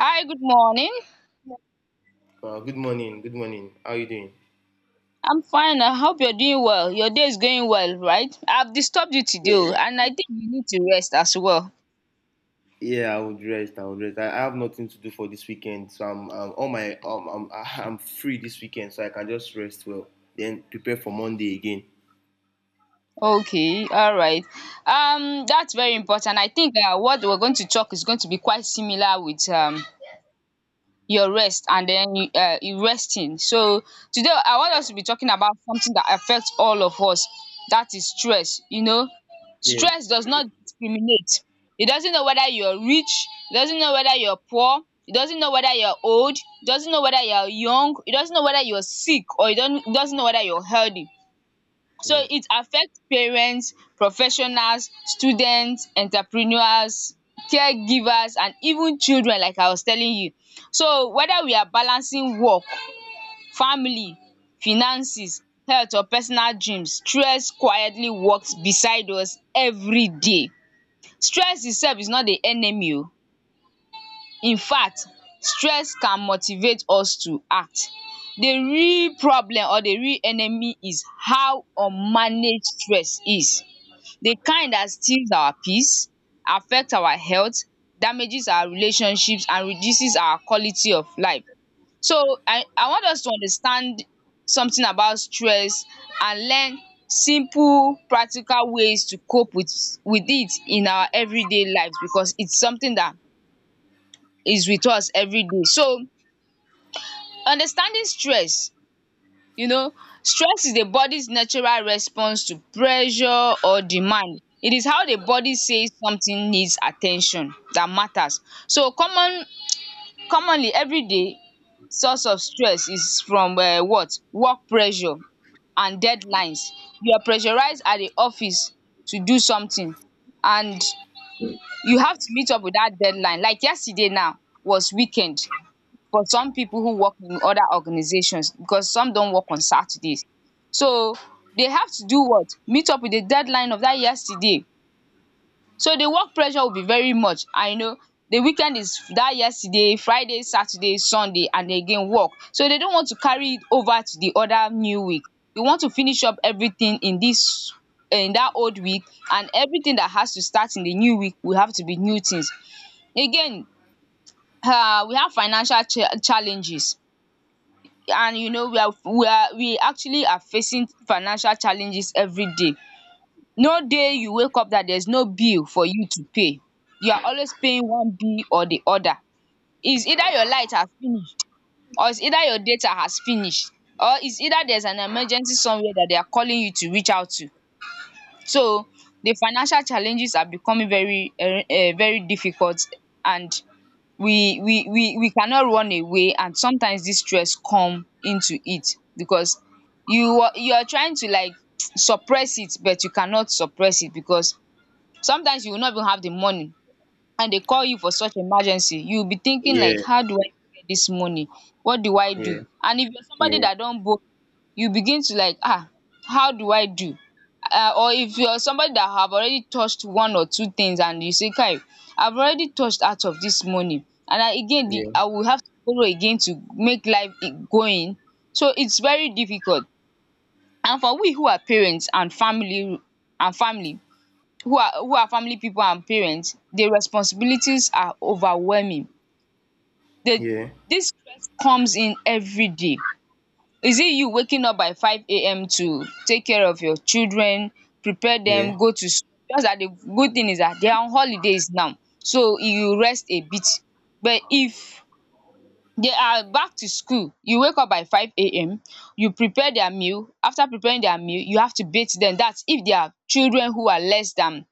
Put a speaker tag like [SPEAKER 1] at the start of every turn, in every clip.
[SPEAKER 1] Hi, good morning.
[SPEAKER 2] Good morning. Good morning. How are you doing?
[SPEAKER 1] I'm fine. I hope you're doing well. Your day is going well, right? I've disturbed you today,
[SPEAKER 2] Yeah.
[SPEAKER 1] oh, and I think you need to rest as well.
[SPEAKER 2] Yeah, I would rest. I would rest. I have nothing to do for this weekend, so I'm all my I'm I- I'm free this weekend, so I can just rest well. Then prepare for Monday again.
[SPEAKER 1] Okay, all right. That's very important. I think what we're going to talk is going to be quite similar with your rest and then you resting. So today I want us to be talking about something that affects all of us. That is stress. You know,
[SPEAKER 2] Yeah.
[SPEAKER 1] stress does not discriminate. It doesn't know whether you're rich. It doesn't know whether you're poor. It doesn't know whether you're old. It doesn't know whether you're young. It doesn't know whether you're sick or it don't, it doesn't know whether you're healthy. So it affects parents, professionals, students, entrepreneurs, caregivers and even children like I was telling you. So whether we are balancing work, family, finances, health or personal dreams, stress quietly walks beside us everyday. Stress itself is not the enemy oo. Infact stress can motivate us to act. The real problem or the real enemy is how unmanaged stress is. The kind that steals our peace, affects our health, damages our relationships and reduces our quality of life. So I want us to understand something about stress and learn simple practical ways to cope with it in our everyday lives because it's something that is with us everyday. So understanding stress. You know, stress is the body's natural response to pressure or demand. It is how the body says something needs attention that matters. So commonly everyday source of stress is from what? Work pressure and deadlines. You are pressurized at the office to do something and you have to meet up with dat deadline. Like yesterday now was weekend for some people who work in other organizations because some don't work on Saturdays. So they have to do what? Meet up with the deadline of that yesterday. So the work pressure will be very much. I know the weekend is that yesterday, Friday, Saturday, Sunday, and again work. So they don't want to carry it over to the other new week. They want to finish up everything in this in that old week, and everything that has to start in the new week will have to be new things. Again, we have financial challenges, and you know we are we actually are facing financial challenges every day. No day you wake up that there's no bill for you to pay. You are always paying one bill or the other. It's either your light has finished or it's either your data has finished or it's either there's an emergency somewhere that they are calling you to reach out to. So the financial challenges are becoming very difficult, and we cannot run away, and sometimes this stress come into it because you are trying to like suppress it, but you cannot suppress it because sometimes you will not even have the money, and dey call you for such emergency. You will be thinking like,
[SPEAKER 2] Yeah.
[SPEAKER 1] how do I get this money, what do I
[SPEAKER 2] Yeah.
[SPEAKER 1] do? And if you're somebody
[SPEAKER 2] Yeah.
[SPEAKER 1] that don borrow, you begin to like, ah, how do I do, or if you're somebody that have already touched one or two things, and you say kai, I've already touched out of this money, and I again the
[SPEAKER 2] Yeah.
[SPEAKER 1] I will have to borrow again to make life I- going. So it's very difficult, and for we who are parents and family, and family who are family pipu and parents, the responsibilities are overwhelming. The
[SPEAKER 2] Yeah.
[SPEAKER 1] dis stress comes in everyday. Is it you waking up by 5 a.m. to take care of your children, prepare
[SPEAKER 2] Yeah.
[SPEAKER 1] dem go to school. Just dat the good thing is dat they are on holidays now so you rest a bit, but if they are back to school. You wake up by 5 a.m., you prepare their meal. After preparing their meal, you have to bath them. That's if they are children who are less than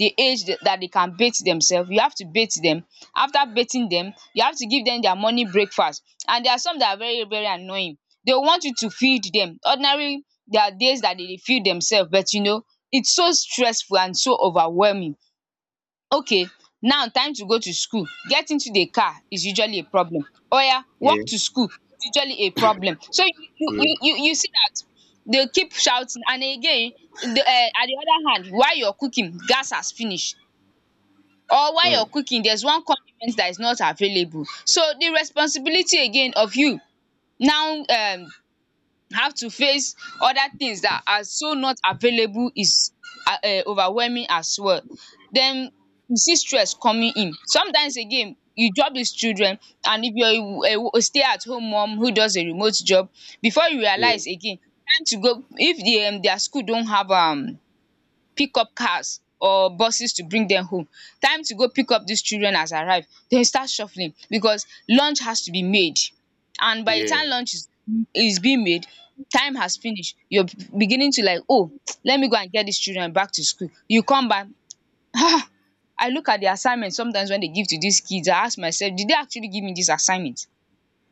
[SPEAKER 1] the age that they can bath themselves, you have to bath them. After bathing them, you have to give them their morning breakfast. And there are some that are very very annoying. They want you to feed them. Ordinary there are days that they dey feed themselves, but you know, it's so stressful and so overwhelming. Okay, now time to go to school. Getting to the car is usually a problem. Oya,
[SPEAKER 2] Yeah. Yeah.
[SPEAKER 1] walk to school is usually a problem. So you you
[SPEAKER 2] Yeah.
[SPEAKER 1] you you you see that they keep shouting, and again, the at the other hand, while you're cooking gas has finished, or while you're
[SPEAKER 2] Mm.
[SPEAKER 1] cooking there's one condiment that is not available. So the responsibility again of you now, how to face other things that are so not available is overwhelming as well. Den you see stress coming in. Sometimes again you job dis children, and if you're a stay at home mum who does a remote job, before you
[SPEAKER 2] Yeah.
[SPEAKER 1] realize, again time to go, if the their school don have pick up cars or buses to bring them home, time to go pick up these children has arrived, dem start shuffling because lunch has to be made, and by the
[SPEAKER 2] Yeah.
[SPEAKER 1] time lunch is being made, time has finished, you're beginning to like, oh, let me go and get these children back to school, you come back. I look at the assignment sometimes when they give to these kids, I ask myself, did they actually give me this assignment?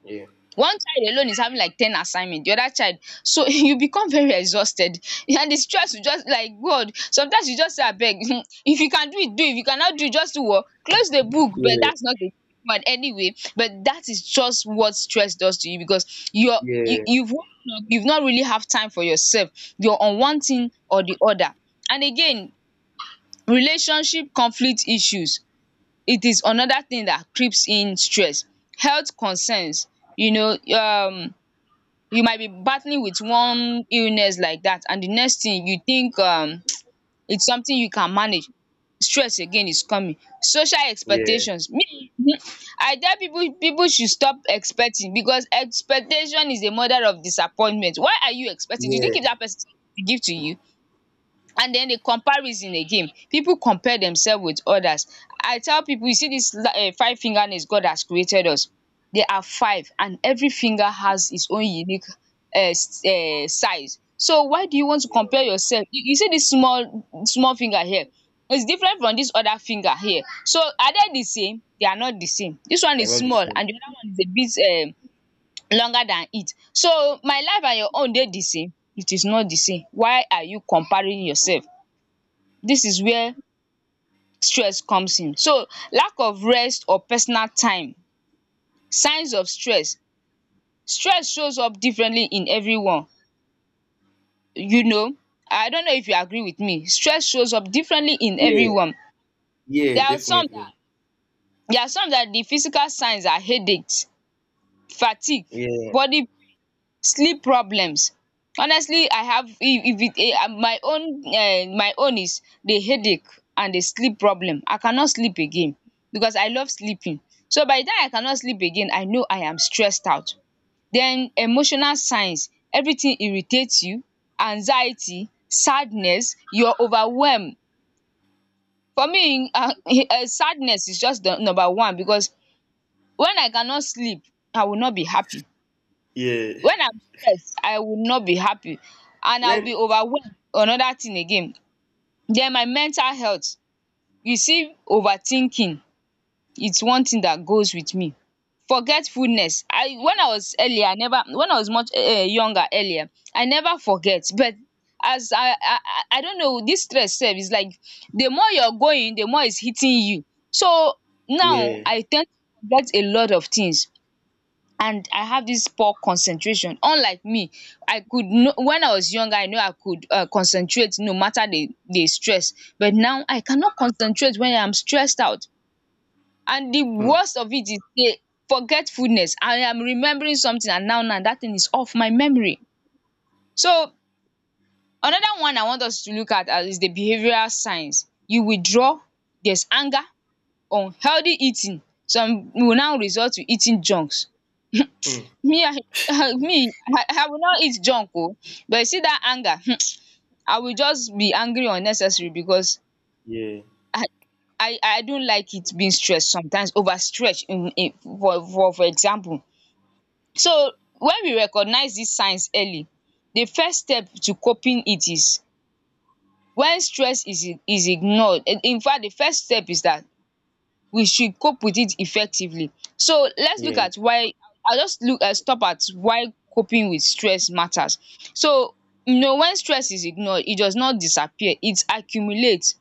[SPEAKER 2] Yeah.
[SPEAKER 1] One child alone is having like ten assignment, the other child. So you become very exhausted, and the stress will just like god sometimes you just say abeg, if you can do it do it, if you cannot do it just do what, close the book. But
[SPEAKER 2] Yeah.
[SPEAKER 1] that's not the one anyway, but that is just what stress does to you, because you're
[SPEAKER 2] Yeah.
[SPEAKER 1] you've woken up, you've not really have time for yourself, you're on one thing or the other. And again, relationship conflict issues, it is another thing that creeps in stress. Health concerns, you know, you might be battling with one illness like that, and the next thing you think, it's something you can manage. Stress again is coming. Social
[SPEAKER 2] Yeah.
[SPEAKER 1] expectations, me I tell people, people should stop expecting, because expectation is the mother of disappointment. Why are you expecting? Did you
[SPEAKER 2] Yeah.
[SPEAKER 1] give that person to give to you? And then the comparison again, people compare themselves with others. I tell people, you see this five finger nails god has created us. There are five, and every finger has its own unique um size. So why do you want to
[SPEAKER 2] Yeah.
[SPEAKER 1] compare yourself? You see this small small finger here. It's different from this other finger here. So are they the same? They are not the same. This one
[SPEAKER 2] They're
[SPEAKER 1] is
[SPEAKER 2] not the
[SPEAKER 1] small
[SPEAKER 2] same.
[SPEAKER 1] and the other one is a bit longer than it. So my life and your own dey the same, it is not the same. Why are you comparing yourself? This is where stress comes in. So, lack of rest or personal time. Signs of stress. Stress shows up differently in everyone. You know, I don't know if you agree with me. Stress shows up differently in
[SPEAKER 2] Yeah.
[SPEAKER 1] everyone.
[SPEAKER 2] Yeah.
[SPEAKER 1] There are some that
[SPEAKER 2] Definitely.
[SPEAKER 1] there are some that the physical signs are headaches, fatigue,
[SPEAKER 2] Yeah.
[SPEAKER 1] body sleep problems. Honestly, I have, if it my own, my own is the headache and the sleep problem. I cannot sleep again because I love sleeping. So by the time I cannot sleep again, I know I am stressed out. Then emotional signs, everything irritates you, anxiety, sadness, you are overwhelmed. For me sadness is just the number one, because when I cannot sleep I will not be happy.
[SPEAKER 2] Yeah.
[SPEAKER 1] When I'm stressed, I will not be happy and I'll be
[SPEAKER 2] When.
[SPEAKER 1] overwhelmed. Another thing again. Then my mental health. You see overthinking, its one thing that goes with me. Forgetfulness. I when I was earlier I never, when I was much younger earlier I never forget, but as I don't know, this stress sef is like the more you're going the more it's hitting you. So now
[SPEAKER 2] Yeah.
[SPEAKER 1] I tend to forget a lot of things, and I have this poor concentration, unlike me. I could know, when I was younger I know I could concentrate no matter the stress, but now I cannot concentrate when I'm stressed out. And the
[SPEAKER 2] Hmm.
[SPEAKER 1] worst of it is the forgetfulness. I am remembering something, and now that thing is off my memory. So another one I want us to look at as is the behavioral signs. You withdraw, there's anger, unhealthy eating. Some will now resort to eating junks.
[SPEAKER 2] Hmm.
[SPEAKER 1] Me, I me, I will not eat junk. Oh, but you see that anger, I will just be angry unnecessary, because
[SPEAKER 2] Yeah.
[SPEAKER 1] I I don't like it being stressed sometimes over in for example. So when we recognize these signs early, the first step to coping it is when stress is ignored. In fact, the first step is that. We should cope with it effectively. So let's look
[SPEAKER 2] Yeah,
[SPEAKER 1] at why I'll just look stop at why coping with stress matters. So you know when stress is ignored, it does not disappear, it accumulates.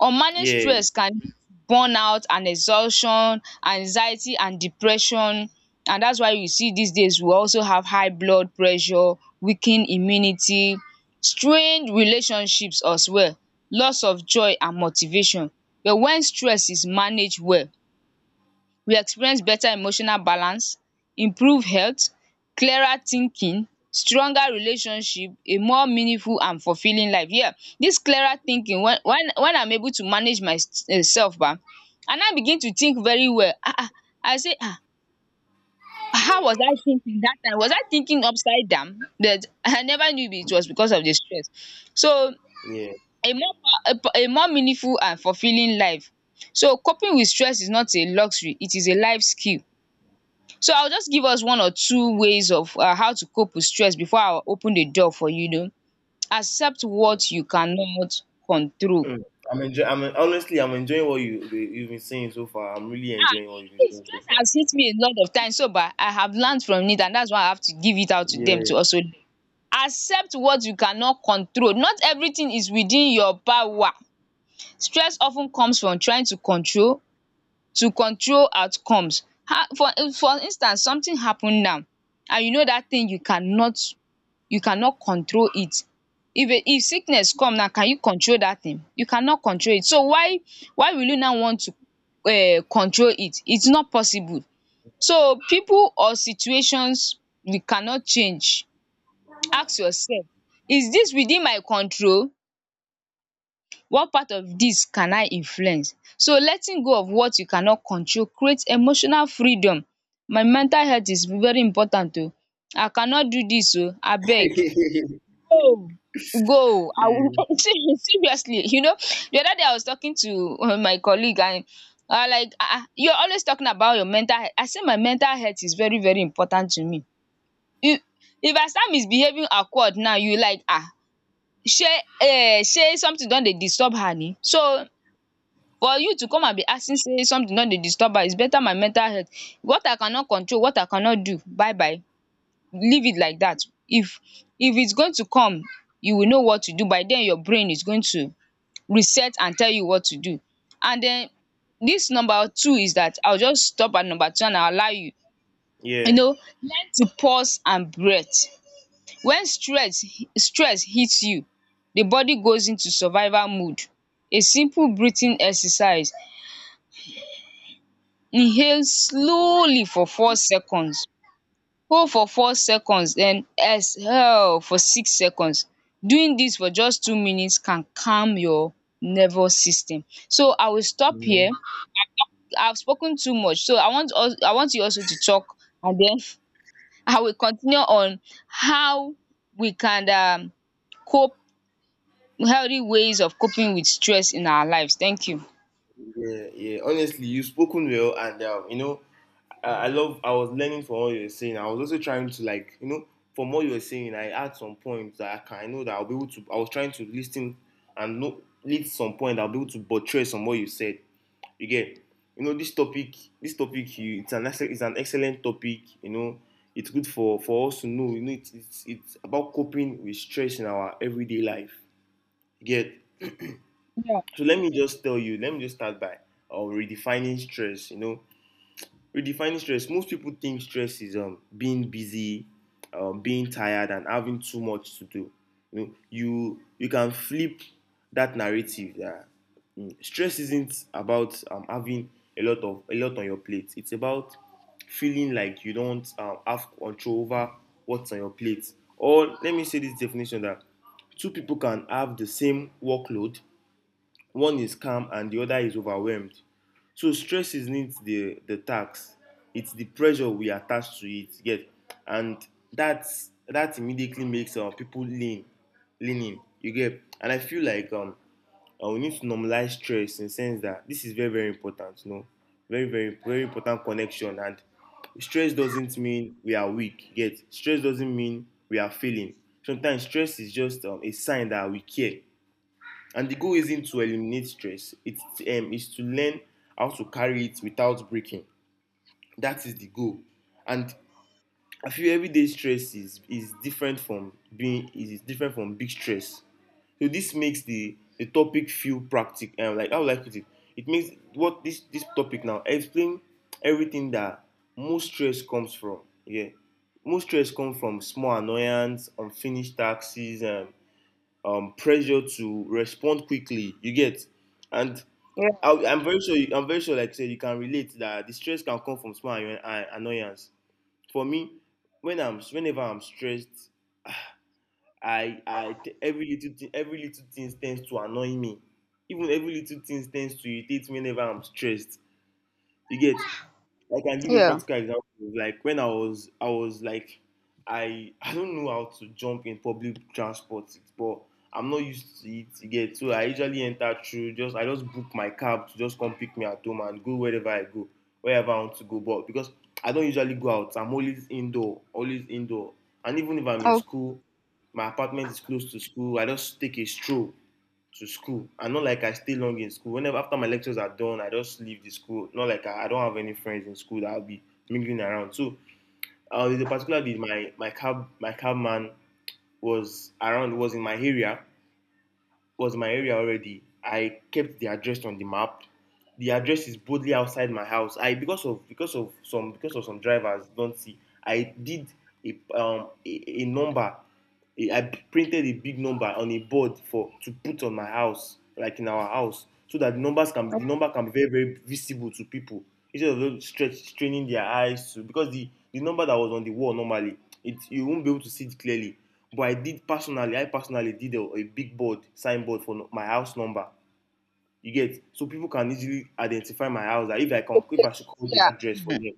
[SPEAKER 1] Unmanaged
[SPEAKER 2] yeah,
[SPEAKER 1] stress can lead to burnout and exhaustion, anxiety and depression, and that's why you see these days we also have high blood pressure, weakened immunity, strained relationships as well, loss of joy and motivation. But when stress is managed well, we experience better emotional balance, improved health, clearer thinking, stronger relationship, a more meaningful and fulfilling life. Yeah, this clearer thinking, when I'm able to manage myself, and I begin to think very well. I say, how was I thinking that time? Was I thinking upside down, that I never knew it was because of the stress? So
[SPEAKER 2] yeah,
[SPEAKER 1] a more a more meaningful and fulfilling life. So coping with stress is not a luxury, it is a life skill. So I will just give us one or two ways of how to cope with stress before I open the door for you. You know. Accept
[SPEAKER 2] yeah.
[SPEAKER 1] what you cannot control.
[SPEAKER 2] Mm. I'm enjoying. I'm en- Honestly, I'm enjoying what you've been saying so far. I'm really
[SPEAKER 1] Ah,
[SPEAKER 2] enjoying what you've been
[SPEAKER 1] please,
[SPEAKER 2] saying so
[SPEAKER 1] stress
[SPEAKER 2] far.
[SPEAKER 1] has hit me a lot of times, so but I have learned from it, and that's why I have to give it out to them
[SPEAKER 2] Yeah.
[SPEAKER 1] to also learn. Accept what you cannot control. Not everything is within your power. Stress of ten comes from trying to control outcomes. How, for instance, something happen now, and you know that thing you cannot, control it. If sickness come now, can you control that thing? You cannot control it. So why will you now want to control it? It's not possible. So people or situations we cannot change, ask yourself: is this within my control? What part of this can I influence? So letting go of what you cannot control create emotional freedom. My mental health is very important, oo. I cannot do this oo, abeg. Go, go, I will
[SPEAKER 2] Mm.
[SPEAKER 1] seriously, you know, the other day I was talking to my colleague, and I like, ah, you're always talking about your mental health. I say, my mental health is very very important to me. If if I start misbehaving awkward now, you like, ah, shey, shey something don dey disturb her ni. So for you to come and be asking say something don dey disturb her, is better my mental health. What I cannot control, what I cannot do, bye bye, leave it like that. If if it's going to come, you will know what to do. By then your brain is going to reset and tell you what to do. And then this number two, is that I'll just stop at number two and I'll allow you. You
[SPEAKER 2] Yeah.
[SPEAKER 1] know, learn to pause and breath. When stress hits you, the body goes into survival mode. A simple breathing exercise: inhale slowly for 4 seconds, hold for 4 seconds, then exhale for 6 seconds. Doing this for just 2 minutes can calm your nervous system. So I will stop here.
[SPEAKER 2] Mhm.
[SPEAKER 1] I've spoken too much. So I want you also to talk, and then I will continue on how we can cope, healthy ways of coping with stress in our lives. Thank you.
[SPEAKER 2] Yeah, yeah. Honestly, you've spoken well, and you know, I love. I was learning from what you were saying. I was also trying to like, you know, from what you were saying, I had some points that I can. I know that I'll be able to. I was trying to listen and know lead some point. I'll be able to buttress on what you said. You get, you know, this topic, you, it's an excellent topic. You know, it's good for us to know. You know, it's about coping with stress in our everyday life. You get.
[SPEAKER 1] Yeah,
[SPEAKER 2] So let me just tell you. Let me just start by redefining stress. You know, redefining stress, most people think stress is being busy, being tired and having too much to do. You know, you can flip that narrative that, stress isn't about having a lot on your plate, it's about feeling like you don't have control over what's on your plate. Or let me say this definition that two people can have the same workload, one is calm and the other is overwhelmed. So stress isn't the tax; it's the pressure we attach to it, you. And that's that immediately makes people lean in, you get. And I feel like we need to normalize stress in the sense that this is very very important, you know, very very very important connection. And stress doesn't mean we are weak, you. Stress doesn't mean we are failing. Sometimes stress is just a sign that we care. And the goal isn't to eliminate stress, it's is to learn how to carry it without breaking. That is the goal. And I feel everyday stress is different from being is different from big stress. So this makes the topic feel practical, like how would I it. It makes what this topic now explain everything that most stress comes from. Yeah, most stress comes from small annoyance, unfinished taxes, pressure to respond quickly. You get. And
[SPEAKER 1] yeah,
[SPEAKER 2] I'm very sure. You, I'm very sure, like I said, you can relate that the stress can come from annoyance. For me, when I'm whenever I'm stressed, I every little thing tends to annoy me. Even every little thing tends to irritate me whenever I'm stressed. You get, I can give a
[SPEAKER 1] yeah.
[SPEAKER 2] practical example. Like when I was like, I don't know how to jump in public transport, but I'm not used to it again. So I usually enter through just I just book my cab to just come pick me at home and go, wherever I want to go. But because I don't usually go out, I'm always indoor, always indoor. And even if I'm in
[SPEAKER 1] Okay,
[SPEAKER 2] school, my apartment is close to school. I just take a stroll to school, and not like I stay long in school. Whenever after my lectures are done, I just leave the school. Not like I don't have any friends in school that I'll be mingling around. So there's a particular day my cabman was around, was in my area, was my area already. I kept the address on the map. The address is boldly outside my house. I, because of some drivers don't see. I did a number. I printed a big number on a board for to put on my house, like in our house, so that the number can be very very visible to people, instead of them stretch straining their eyes to, because the number that was on the wall normally, it you won't be able to see it clearly. But I did personally, I personally did a big board, signboard for my house number. You get, so people can easily identify my house. That if I can, if
[SPEAKER 1] okay.
[SPEAKER 2] I should call the
[SPEAKER 1] Yeah.
[SPEAKER 2] address for
[SPEAKER 1] Mhm.
[SPEAKER 2] them.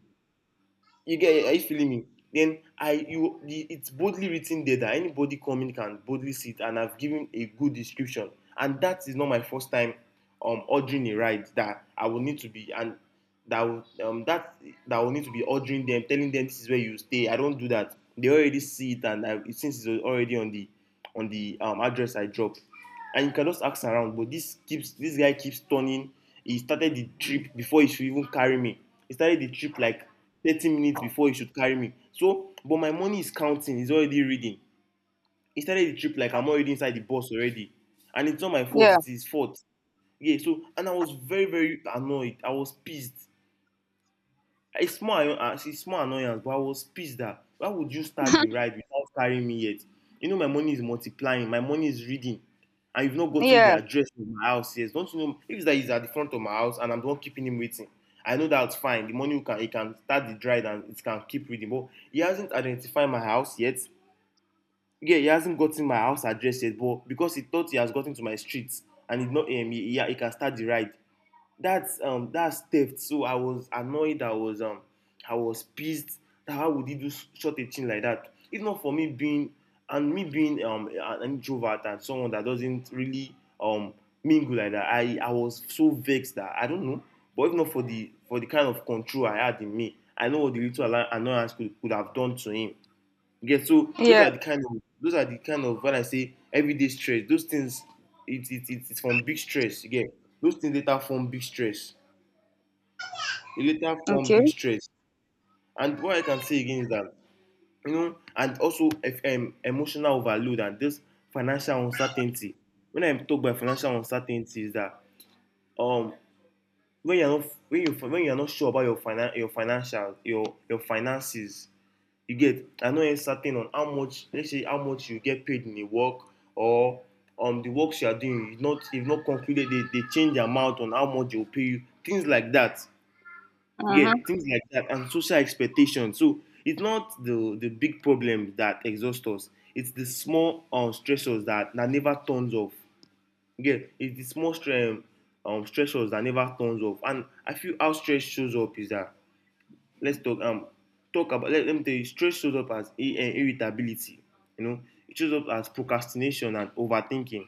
[SPEAKER 2] You get? Are you feeling me? Then it's boldly written there that anybody coming can boldly see it, and I've given a good description. And that is not my first time ordering a ride that I will need to be, and that will that will need to be ordering them, telling them this is where you stay. I don't do that. They already see it, and I, since it's already on the address I dropped, and you can just ask around. But this guy keeps turning. He started the trip before he should even carry me. He started the trip like 30 minutes before he should carry me. So, but my money is counting. He's already reading. He started the trip like I'm already inside the bus already, and it's not my fault.
[SPEAKER 1] Yeah,
[SPEAKER 2] It's his fault. Yeah. So, and I was very very annoyed. I was pissed, it's small annoyance, but I was pissed that why would you start the ride without carrying me yet? You know my money is multiplying, my money is reading, and you've not gotten the
[SPEAKER 1] yeah,
[SPEAKER 2] address of my house yet. Don't you know if that is at the front of my house and I'm the one keeping him waiting? I know that's fine. The money, you can, he can start the ride and it can keep reading, but he hasn't identified my house yet. Yeah, he hasn't gotten my house address yet, but because he thought he has gotten to my street and he not he, he can start the ride. That's that's theft. So I was annoyed, I was I was pissed, that how would he do such a thing like that. If not for me being, and me being an introvert and someone that doesn't really um mingle like that, I was so vexed that I don't know. But if not for the kind of control I had in me, I know what the little annoyance could have done to him. Yeah, so those
[SPEAKER 1] yeah.
[SPEAKER 2] are the kind of, those are the kind of, when I say everyday stress, those things, it it's from big stress. You get, those things later form big stress. It later form
[SPEAKER 1] Okay.
[SPEAKER 2] big stress. And what I can say again is that, you know, and also if, emotional overload and this financial uncertainty. When I'm talking about financial uncertainty, is that um when you're not, when you, when you're not sure about your your financial, your finances, you get, I no yet certain on how much, let's say how much you get paid in a work, or the works you are doing, you not, you not concluded, they change the amount on how much they will pay you, things like that.
[SPEAKER 1] Uh
[SPEAKER 2] Yeah,
[SPEAKER 1] huh.
[SPEAKER 2] things like that, and social expectations. So it's not the big problem that exhausts us, it's the small stressors that never turns off. Yeah, it's the small stressors that never turns off. And I feel how stress shows up is that, let's talk talk about let, let me tell you stress shows up as irritability, you know. It shows up as procrastination and overthinking,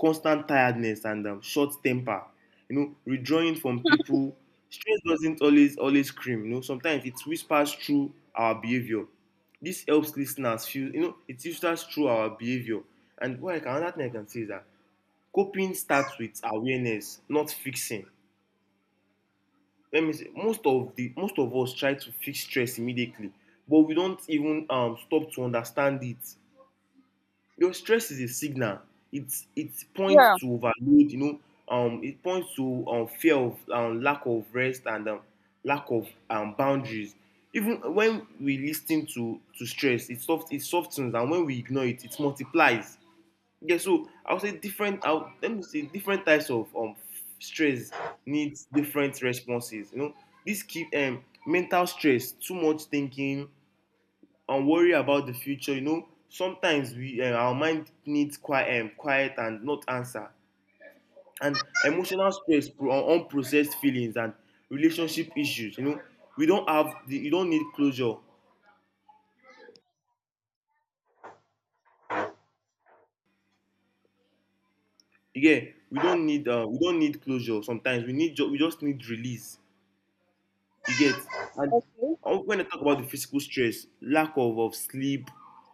[SPEAKER 2] constant tiredness and short temper, you know, withdrawing from people. Stress doesn't always scream, you know, sometimes it whispers through our behavior. This helps listeners feel, you know, it whispers through our behavior. And what I can, another thing I can say is that coping starts with awareness, not fixing. Let me say most of the most of us try to fix stress immediately, but we don't even stop to understand it. Your stress is a signal. It's, it points
[SPEAKER 1] Yeah.
[SPEAKER 2] to overload, you know, it points to fear of lack of rest and lack of boundaries. Even when we listen to stress, it soft it softens, and when we ignore it, it multiplies. Yeah, so I would say different. I would, let me say different types of stress needs different responses. You know, this keep mental stress, too much thinking, and worry about the future. You know, sometimes we our mind needs quiet, quiet and not answer. And emotional stress, unprocessed feelings and relationship issues. You know, we don't have you don't need closure. Yeah, we don't need closure. Sometimes we just need release. You get, and when I talk about the physical stress, lack of sleep,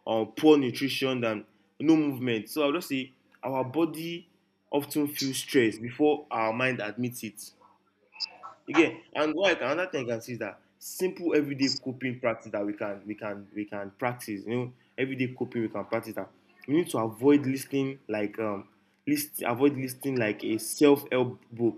[SPEAKER 2] poor nutrition, and no movement. So I'll just say our body often feels stress before our mind admits it. Again, and another thing I can see is that simple everyday coping practice that we can practice. You know, everyday coping we can practice that. We need to avoid listening like list avoid listening like a self help book,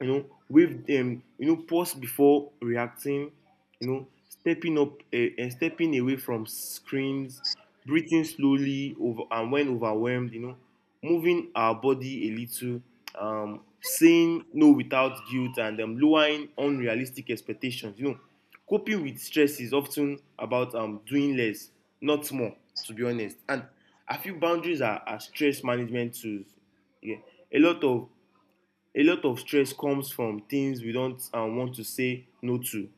[SPEAKER 2] you know, with you know, pause before reacting, you know, stepping up stepping away from screens, breathing slowly over and when overwhelmed, you know, moving our body a little, saying no without guilt, and lowering unrealistic expectations. You know, coping with stress is often about doing less, not more, to be honest. And I feel boundaries are stress management tools. Yeah. A lot of a lot of stress comes from things we don't want to say no to,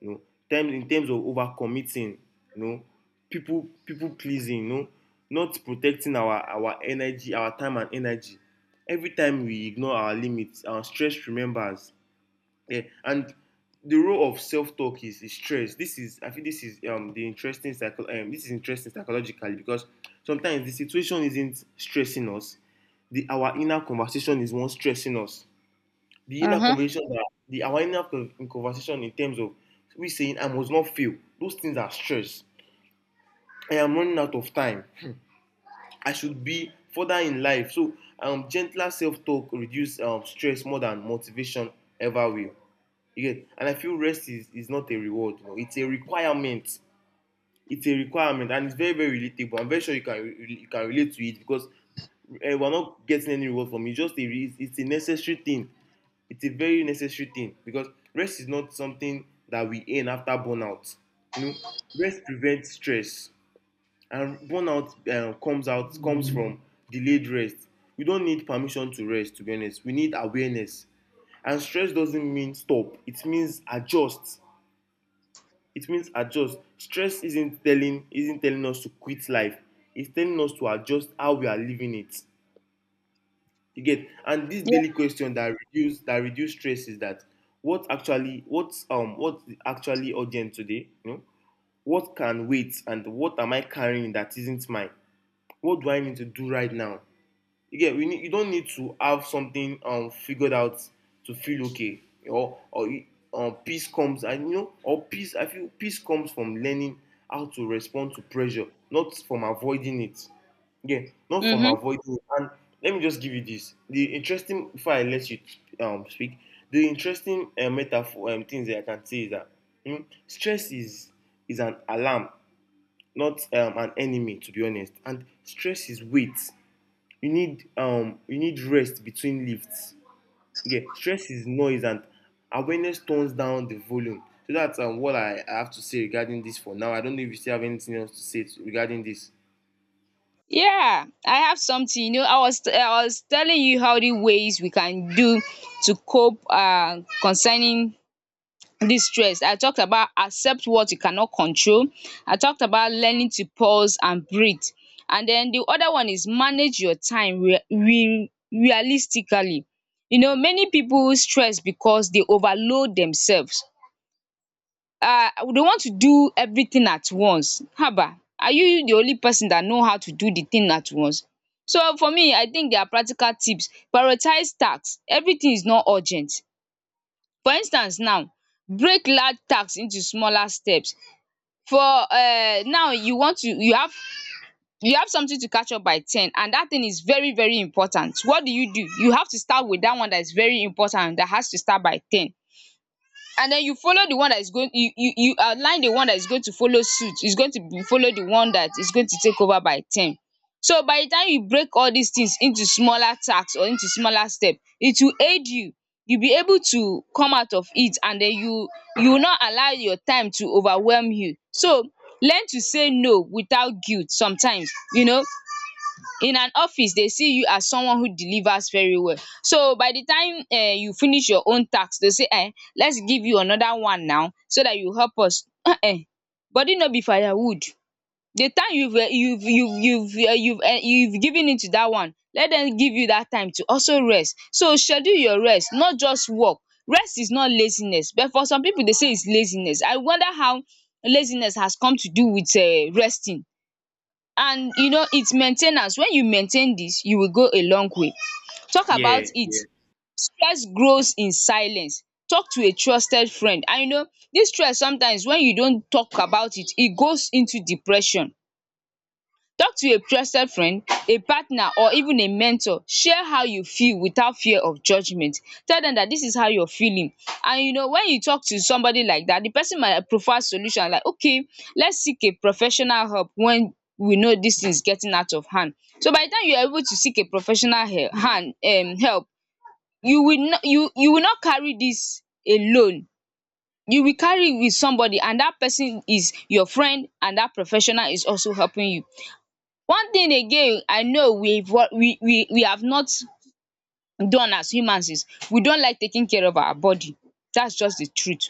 [SPEAKER 2] you know, times in terms of overcommitting, you know, people pleasing, you know, not protecting our energy, our time and energy. Every time we ignore our limits, our stress remembers. Yeah. And the role of self-talk is stress. This is I think this is this is interesting psychologically because sometimes the situation isn't stressing us. The our inner conversation is one stressing us. The
[SPEAKER 1] Uh
[SPEAKER 2] inner
[SPEAKER 1] huh.
[SPEAKER 2] conversation that the our inner conversation in terms of we saying I must not fail. Those things are stress. I am running out of time. I should be further in life. So gentler self-talk reduce stress more than motivation ever will. You get. And I feel rest is not a reward, you know, it's a requirement. It's a requirement, and it's very, very relatable. I'm very sure you can you can relate to it because we're not getting any reward from it. It's a necessary thing. It's a very necessary thing because rest is not something that we earn after burnout. You know, rest prevents stress, and burnout comes from delayed rest. We don't need permission to rest. To be honest, we need awareness. And stress doesn't mean stop. It means adjust. It means adjust. Stress isn't telling us to quit life. It's telling us to adjust how we are living it. You get. And this
[SPEAKER 1] Yeah.
[SPEAKER 2] daily question that reduce stress is that what actually what's actually urgent today? You know, what can wait, and what am I carrying that isn't mine? What do I need to do right now? You don't need to have something figured out to feel okay, or peace comes, and you know, or peace, I feel peace comes from learning how to respond to pressure, not from avoiding it. Yeah, not from
[SPEAKER 1] Mhm.
[SPEAKER 2] avoiding it. And let me just give you this, the interesting, before I let you speak, the interesting metaphor things that I can say is that stress is an alarm, not an enemy, to be honest. And stress is weight. You need you need rest between lifts. Yeah, stress is noise, and awareness tones down the volume. So that's what I have to say regarding this for now. I don't know if you still have anything else to say to, regarding this.
[SPEAKER 1] Yeah, I have something. You know, I was telling you how the ways we can do to cope, concerning this stress. I talked about accept what you cannot control. I talked about learning to pause and breathe. And then the other one is manage your time re re realistically. You know, many people stress because they overload themselves. They want to do everything at once. Haba! Are you the only person that know how to do the thing at once? So for me, I think there are practical tips: prioritize tasks. Everything is not urgent. For instance now, break large tasks into smaller steps. For now, you want to, you have something to catch up by 10, and that thing is very very important. What do? You have to start with that one that is very important, that has to start by 10. And then you follow the one that is going, you outline the one that is going to follow suit, is going to be follow the one that is going to take over by 10. So by the time you break all these things into smaller task or into smaller step, it will aid you, you be able to come out of it, and then you will not allow your time to overwhelm you. So learn to say no without guilt sometimes. You know, in an office they see you as someone who delivers very well, so by the time you finish your own task, they say, eh, let's give you another one now so that you help us. Body no be firewood. The time you've given it to that one, let them give you that time to also rest. So schedule your rest, not just work. Rest is not laziness, but for some people they say it's laziness. I wonder how laziness has come to do with resting. And you know, its main ten ance. When you maintain this, you will go a long way. Talk about
[SPEAKER 2] Yeah,
[SPEAKER 1] it.
[SPEAKER 2] yeah.
[SPEAKER 1] Stress grows in silence. Talk to a trusted friend, and you know, this stress, sometimes when you don't talk about it, e goes into depression. Talk to a trusted friend, a partner, or even a mentor. Share how you feel without fear of judgement. Tell them that this is how you're feeling, and you know, when you talk to somebody like that, the person might provide solution like, okay, let's seek a professional help when we know this thing is getting out of hand. So by the time you are able to seek a professional he- hand help, you will not carry this alone. You will carry it with somebody, and that person is your friend, and that professional is also helping you. One thing again I know we have not done as humans is, we don't like taking care of our body. That's just the truth.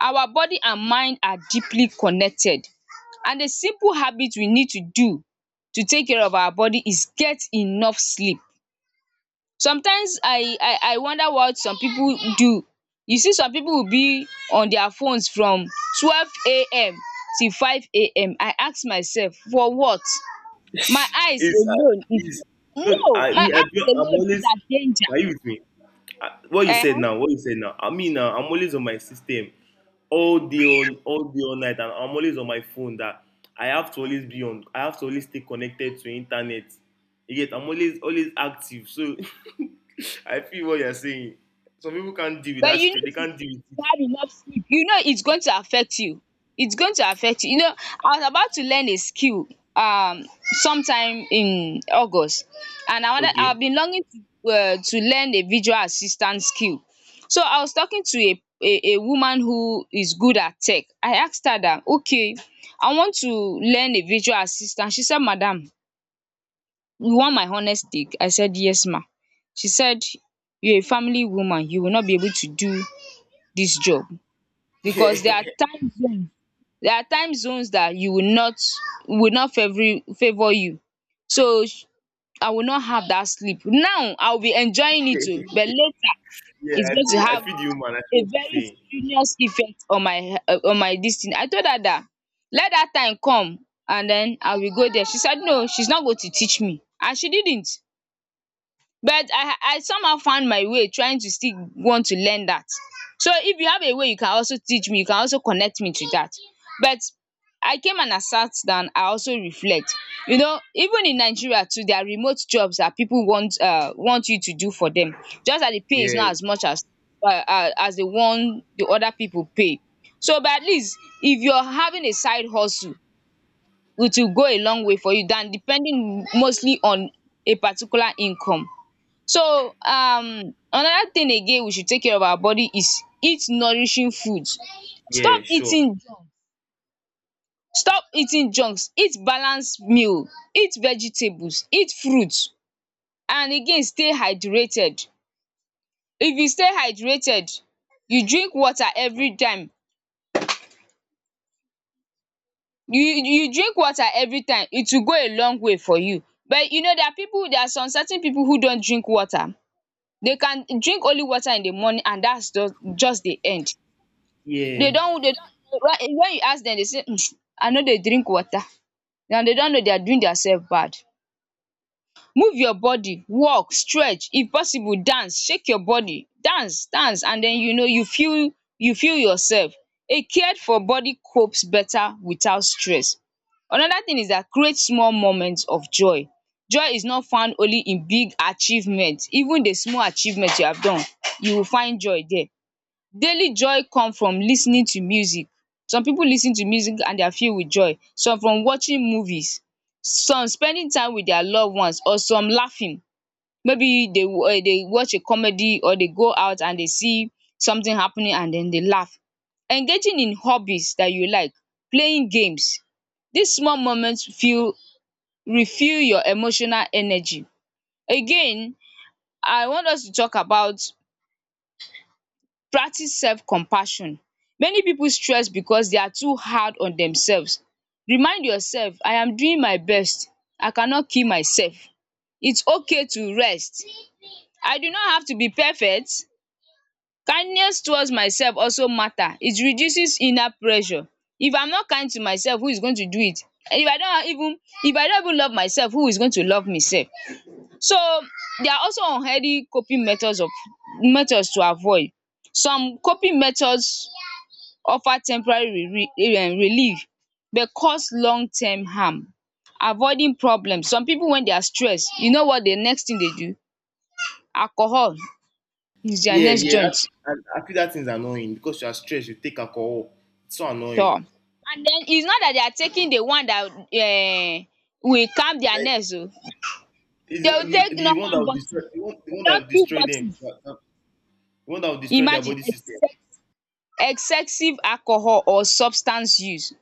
[SPEAKER 1] Our body and mind are deeply connected, and a simple habit we need to do to take care of our body is get enough sleep. Sometimes I wonder what some people do. You see, some people will be on their phones from 12 a.m. till five AM. I ask myself, for what? My eyes
[SPEAKER 2] it's uh,
[SPEAKER 1] alone is,
[SPEAKER 2] it's no,
[SPEAKER 1] no, my
[SPEAKER 2] I feel
[SPEAKER 1] eyes
[SPEAKER 2] I'm
[SPEAKER 1] alone is
[SPEAKER 2] always,
[SPEAKER 1] at danger.
[SPEAKER 2] are you with me? I, what you
[SPEAKER 1] Uh
[SPEAKER 2] said
[SPEAKER 1] huh.
[SPEAKER 2] now, what you said now, I mean, now I'm always on my system all day, all day, all night, and I'm always on my phone. That I have to always be on. I have to always stay connected to internet. You get? I'm always active. So I feel what you're saying. Some people can't deal with
[SPEAKER 1] But
[SPEAKER 2] that straight. They
[SPEAKER 1] you
[SPEAKER 2] can't
[SPEAKER 1] need
[SPEAKER 2] deal
[SPEAKER 1] to have enough sleep, you know, it's going to affect you, it's going to affect you, you know, I was about to learn a skill um sometime in August, and
[SPEAKER 2] with it.
[SPEAKER 1] I've been longing to learn a visual assistant skill. So I was talking to a woman who is good at tech. I asked her that, okay, I want to learn a visual assistant. She said, madam, you want my honest take? I said, yes, ma. She said, you're a family woman, you will not be able to do this job because there are
[SPEAKER 2] Okay.
[SPEAKER 1] time zones. There are time zones that you will not, favor, you. So I will not have that sleep now, I'll be enjoying it, oh, but later
[SPEAKER 2] Yeah, yeah.
[SPEAKER 1] it's
[SPEAKER 2] I
[SPEAKER 1] going to
[SPEAKER 2] feel. I
[SPEAKER 1] have
[SPEAKER 2] feel the human. I feel
[SPEAKER 1] a
[SPEAKER 2] what you're
[SPEAKER 1] very
[SPEAKER 2] saying.
[SPEAKER 1] serious effect on my, on my this thing. I told her that let that time come, and then I will go there. She said no, she's not going to teach me, and she didn't. But I somehow found my way trying to still want to learn that. So if you have a way, you can also teach me, you can also connect me to that. But I came and I sat down, I also reflect. You know, even in Nigeria too, there are remote jobs that people want, want you to do for them. Just that the pay is
[SPEAKER 2] Yeah.
[SPEAKER 1] not as much as the one the other people pay. So but at least if you're having a side hustle, it will go a long way for you than depending mostly on a particular income. So another thing again we should take care of our body is eat nourishing foods.
[SPEAKER 2] Yeah.
[SPEAKER 1] Stop
[SPEAKER 2] Sure.
[SPEAKER 1] eating stop eating junks, eat balanced meal, eat vegetables, eat fruits, and again stay hydrated. If you stay hydrated, you drink water every time, you drink water every time, it will go a long way for you. But you know, there are some certain people who don't drink water. They can drink only water in the morning and that's just the end. They
[SPEAKER 2] Yeah.
[SPEAKER 1] don't. They don't. When you ask them, they say I know they drink water and they don't know they are doing themselves bad. Move your body, walk, stretch, if possible dance, shake your body, dance and then you know you feel yourself. A cared for body copes better without stress. Another thing is that create small moments of joy. Joy is not found only in big achievement, even the small achievement you have done you will find joy there. Daily joy come from lis ten ing to music. Some pipu lis ten to music and they are filled with joy, some from watching movies, some spending time with their loved ones, or some laughing. Maybe they watch a comedy, or they go out and they see something happening and then they laugh. Engaging in hobbies that you like, playing games. Dis small moment feel refill your emotional energy. Again, I want us to talk about practice self-compassion. Many people stress because they are too hard on themselves. Remind yourself, I am doing my best. I cannot kill myself. It's okay to rest. I do not have to be perfect. Kindness towards myself also matter. It reduces inner pressure. If I'm not kind to myself, who is going to do it? And if I don't even love myself, who is going to love me sef? So there are also unhealthy coping methods of methods to avoid. Some coping methods offer temporary relief but cause long term harm. Avoiding problem. Some pipu when they are stressed, you know what the next thing they do? Alcohol is their
[SPEAKER 2] Yeah.
[SPEAKER 1] next
[SPEAKER 2] Yeah. That,
[SPEAKER 1] joint.
[SPEAKER 2] I feel that thing's annoying because you're stressed. You take alcohol. It's so annoying.
[SPEAKER 1] Tor! And then it's not that they are taking the one that will calm their nerves oh.
[SPEAKER 2] Is
[SPEAKER 1] They will take
[SPEAKER 2] the one that
[SPEAKER 1] normal.
[SPEAKER 2] will destroy the one that will destroy them. The one that will destroy their
[SPEAKER 1] Imagine
[SPEAKER 2] body system.
[SPEAKER 1] excessive alcohol or substance use.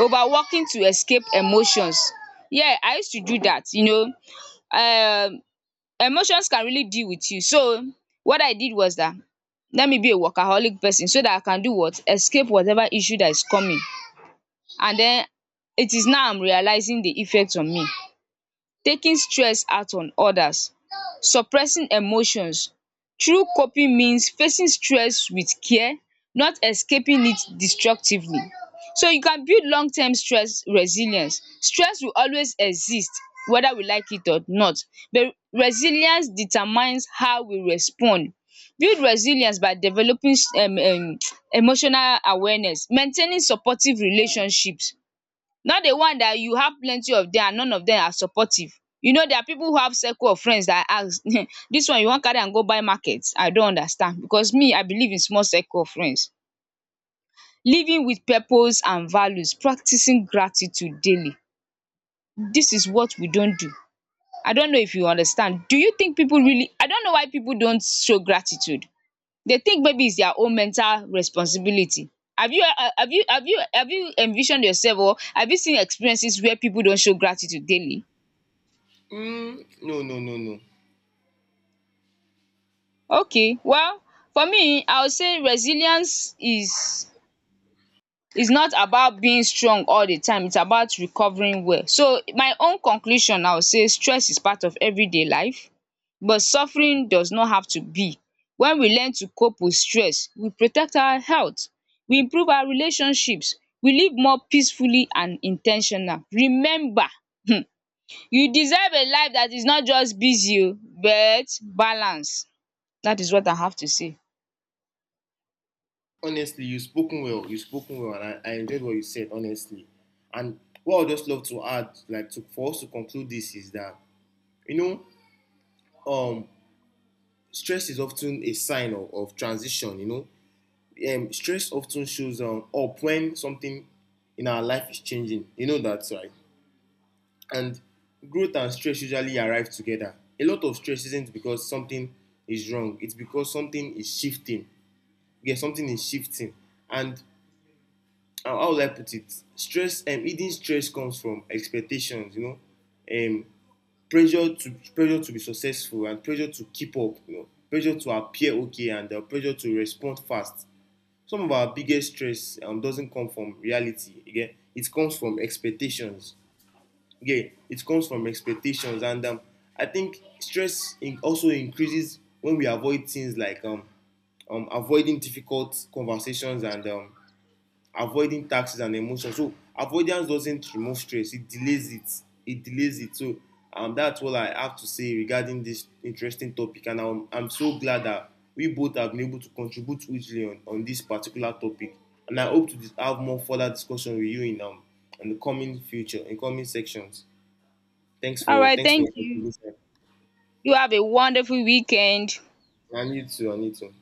[SPEAKER 1] Overworking to escape emotions. Yeah, I used to do that, you know. um Emotions can really deal with you. So what I did was that, let me be a workaholic person so that I can do what? Escape whatever issue that is coming, and then it is now I'm realizing the effect on me. Taking stress out on odas, suppressing emotions through coping means facing stress with care, not escaping it destructively, so you can build long term stress resilience. Stress will always exist, whether we like it or not, but resilience determines how we respond. Build resilience by developing emotional awareness, maintaining supportive relationships. Not the one that you have plenty of dem and none of them are supportive. You know there are people who have circle of friends that ask This one you wan carry am go buy market? I don't understand, because me, I believe in small circle of friends. Living with purpose and values, practicing gratitude daily. This is what we don't do. I don't know if you understand. Do you think people really, I don't know why people don't show gratitude. They think maybe it's their own mental responsibility. Have you have you have you have you envisioned yourself or have you seen experiences where people don't show gratitude daily?
[SPEAKER 2] No, no, no, no.
[SPEAKER 1] Okay, well, for me I would say resilience is not about being strong all the time, it's about recovering well. So my own conclusion, I would say stress is part of everyday life, but suffering does not have to be. When we learn to cope with stress, we protect our health, we improve our relationships, we live more peacefully and intentional. Remember, um you deserve a life that is not just busy oo but balance. That is what I have to say.
[SPEAKER 2] Honestly, you spoken well. You spoken well, and I enjoyed what you said. Honestly, and what I just love to add, like to for us to conclude this, is that you know, um, stress is often a sign of transition. You know, stress often shows up when something in our life is changing. You know that, right? And growth and stress usually arrive together. A lot of stress isn't because something is wrong, it's because something is shifting. Yeah, something is shifting. And how would I put it? Stress and hidden stress comes from expectations, you know. Um Pressure to be successful and pressure to keep up, you know, pressure to appear okay, and pressure to respond fast. Some of our biggest stress doesn't come from reality. Again, it comes from expectations. Yeah, it comes from expectations. And I think stress in also increases when we avoid things like avoiding difficult conversations, and avoiding taxes and emotions. So avoidance doesn't remove stress, it delays it. So that's all I have to say regarding this interesting topic, and I'm so glad that we both have been able to contribute hugely on this particular topic, and I hope to have more further discussion with you in the coming future, in coming sections.
[SPEAKER 1] All right.
[SPEAKER 2] Thanks for
[SPEAKER 1] Thank
[SPEAKER 2] your
[SPEAKER 1] you.
[SPEAKER 2] contribution.
[SPEAKER 1] You have a wonderful weekend.
[SPEAKER 2] I need to.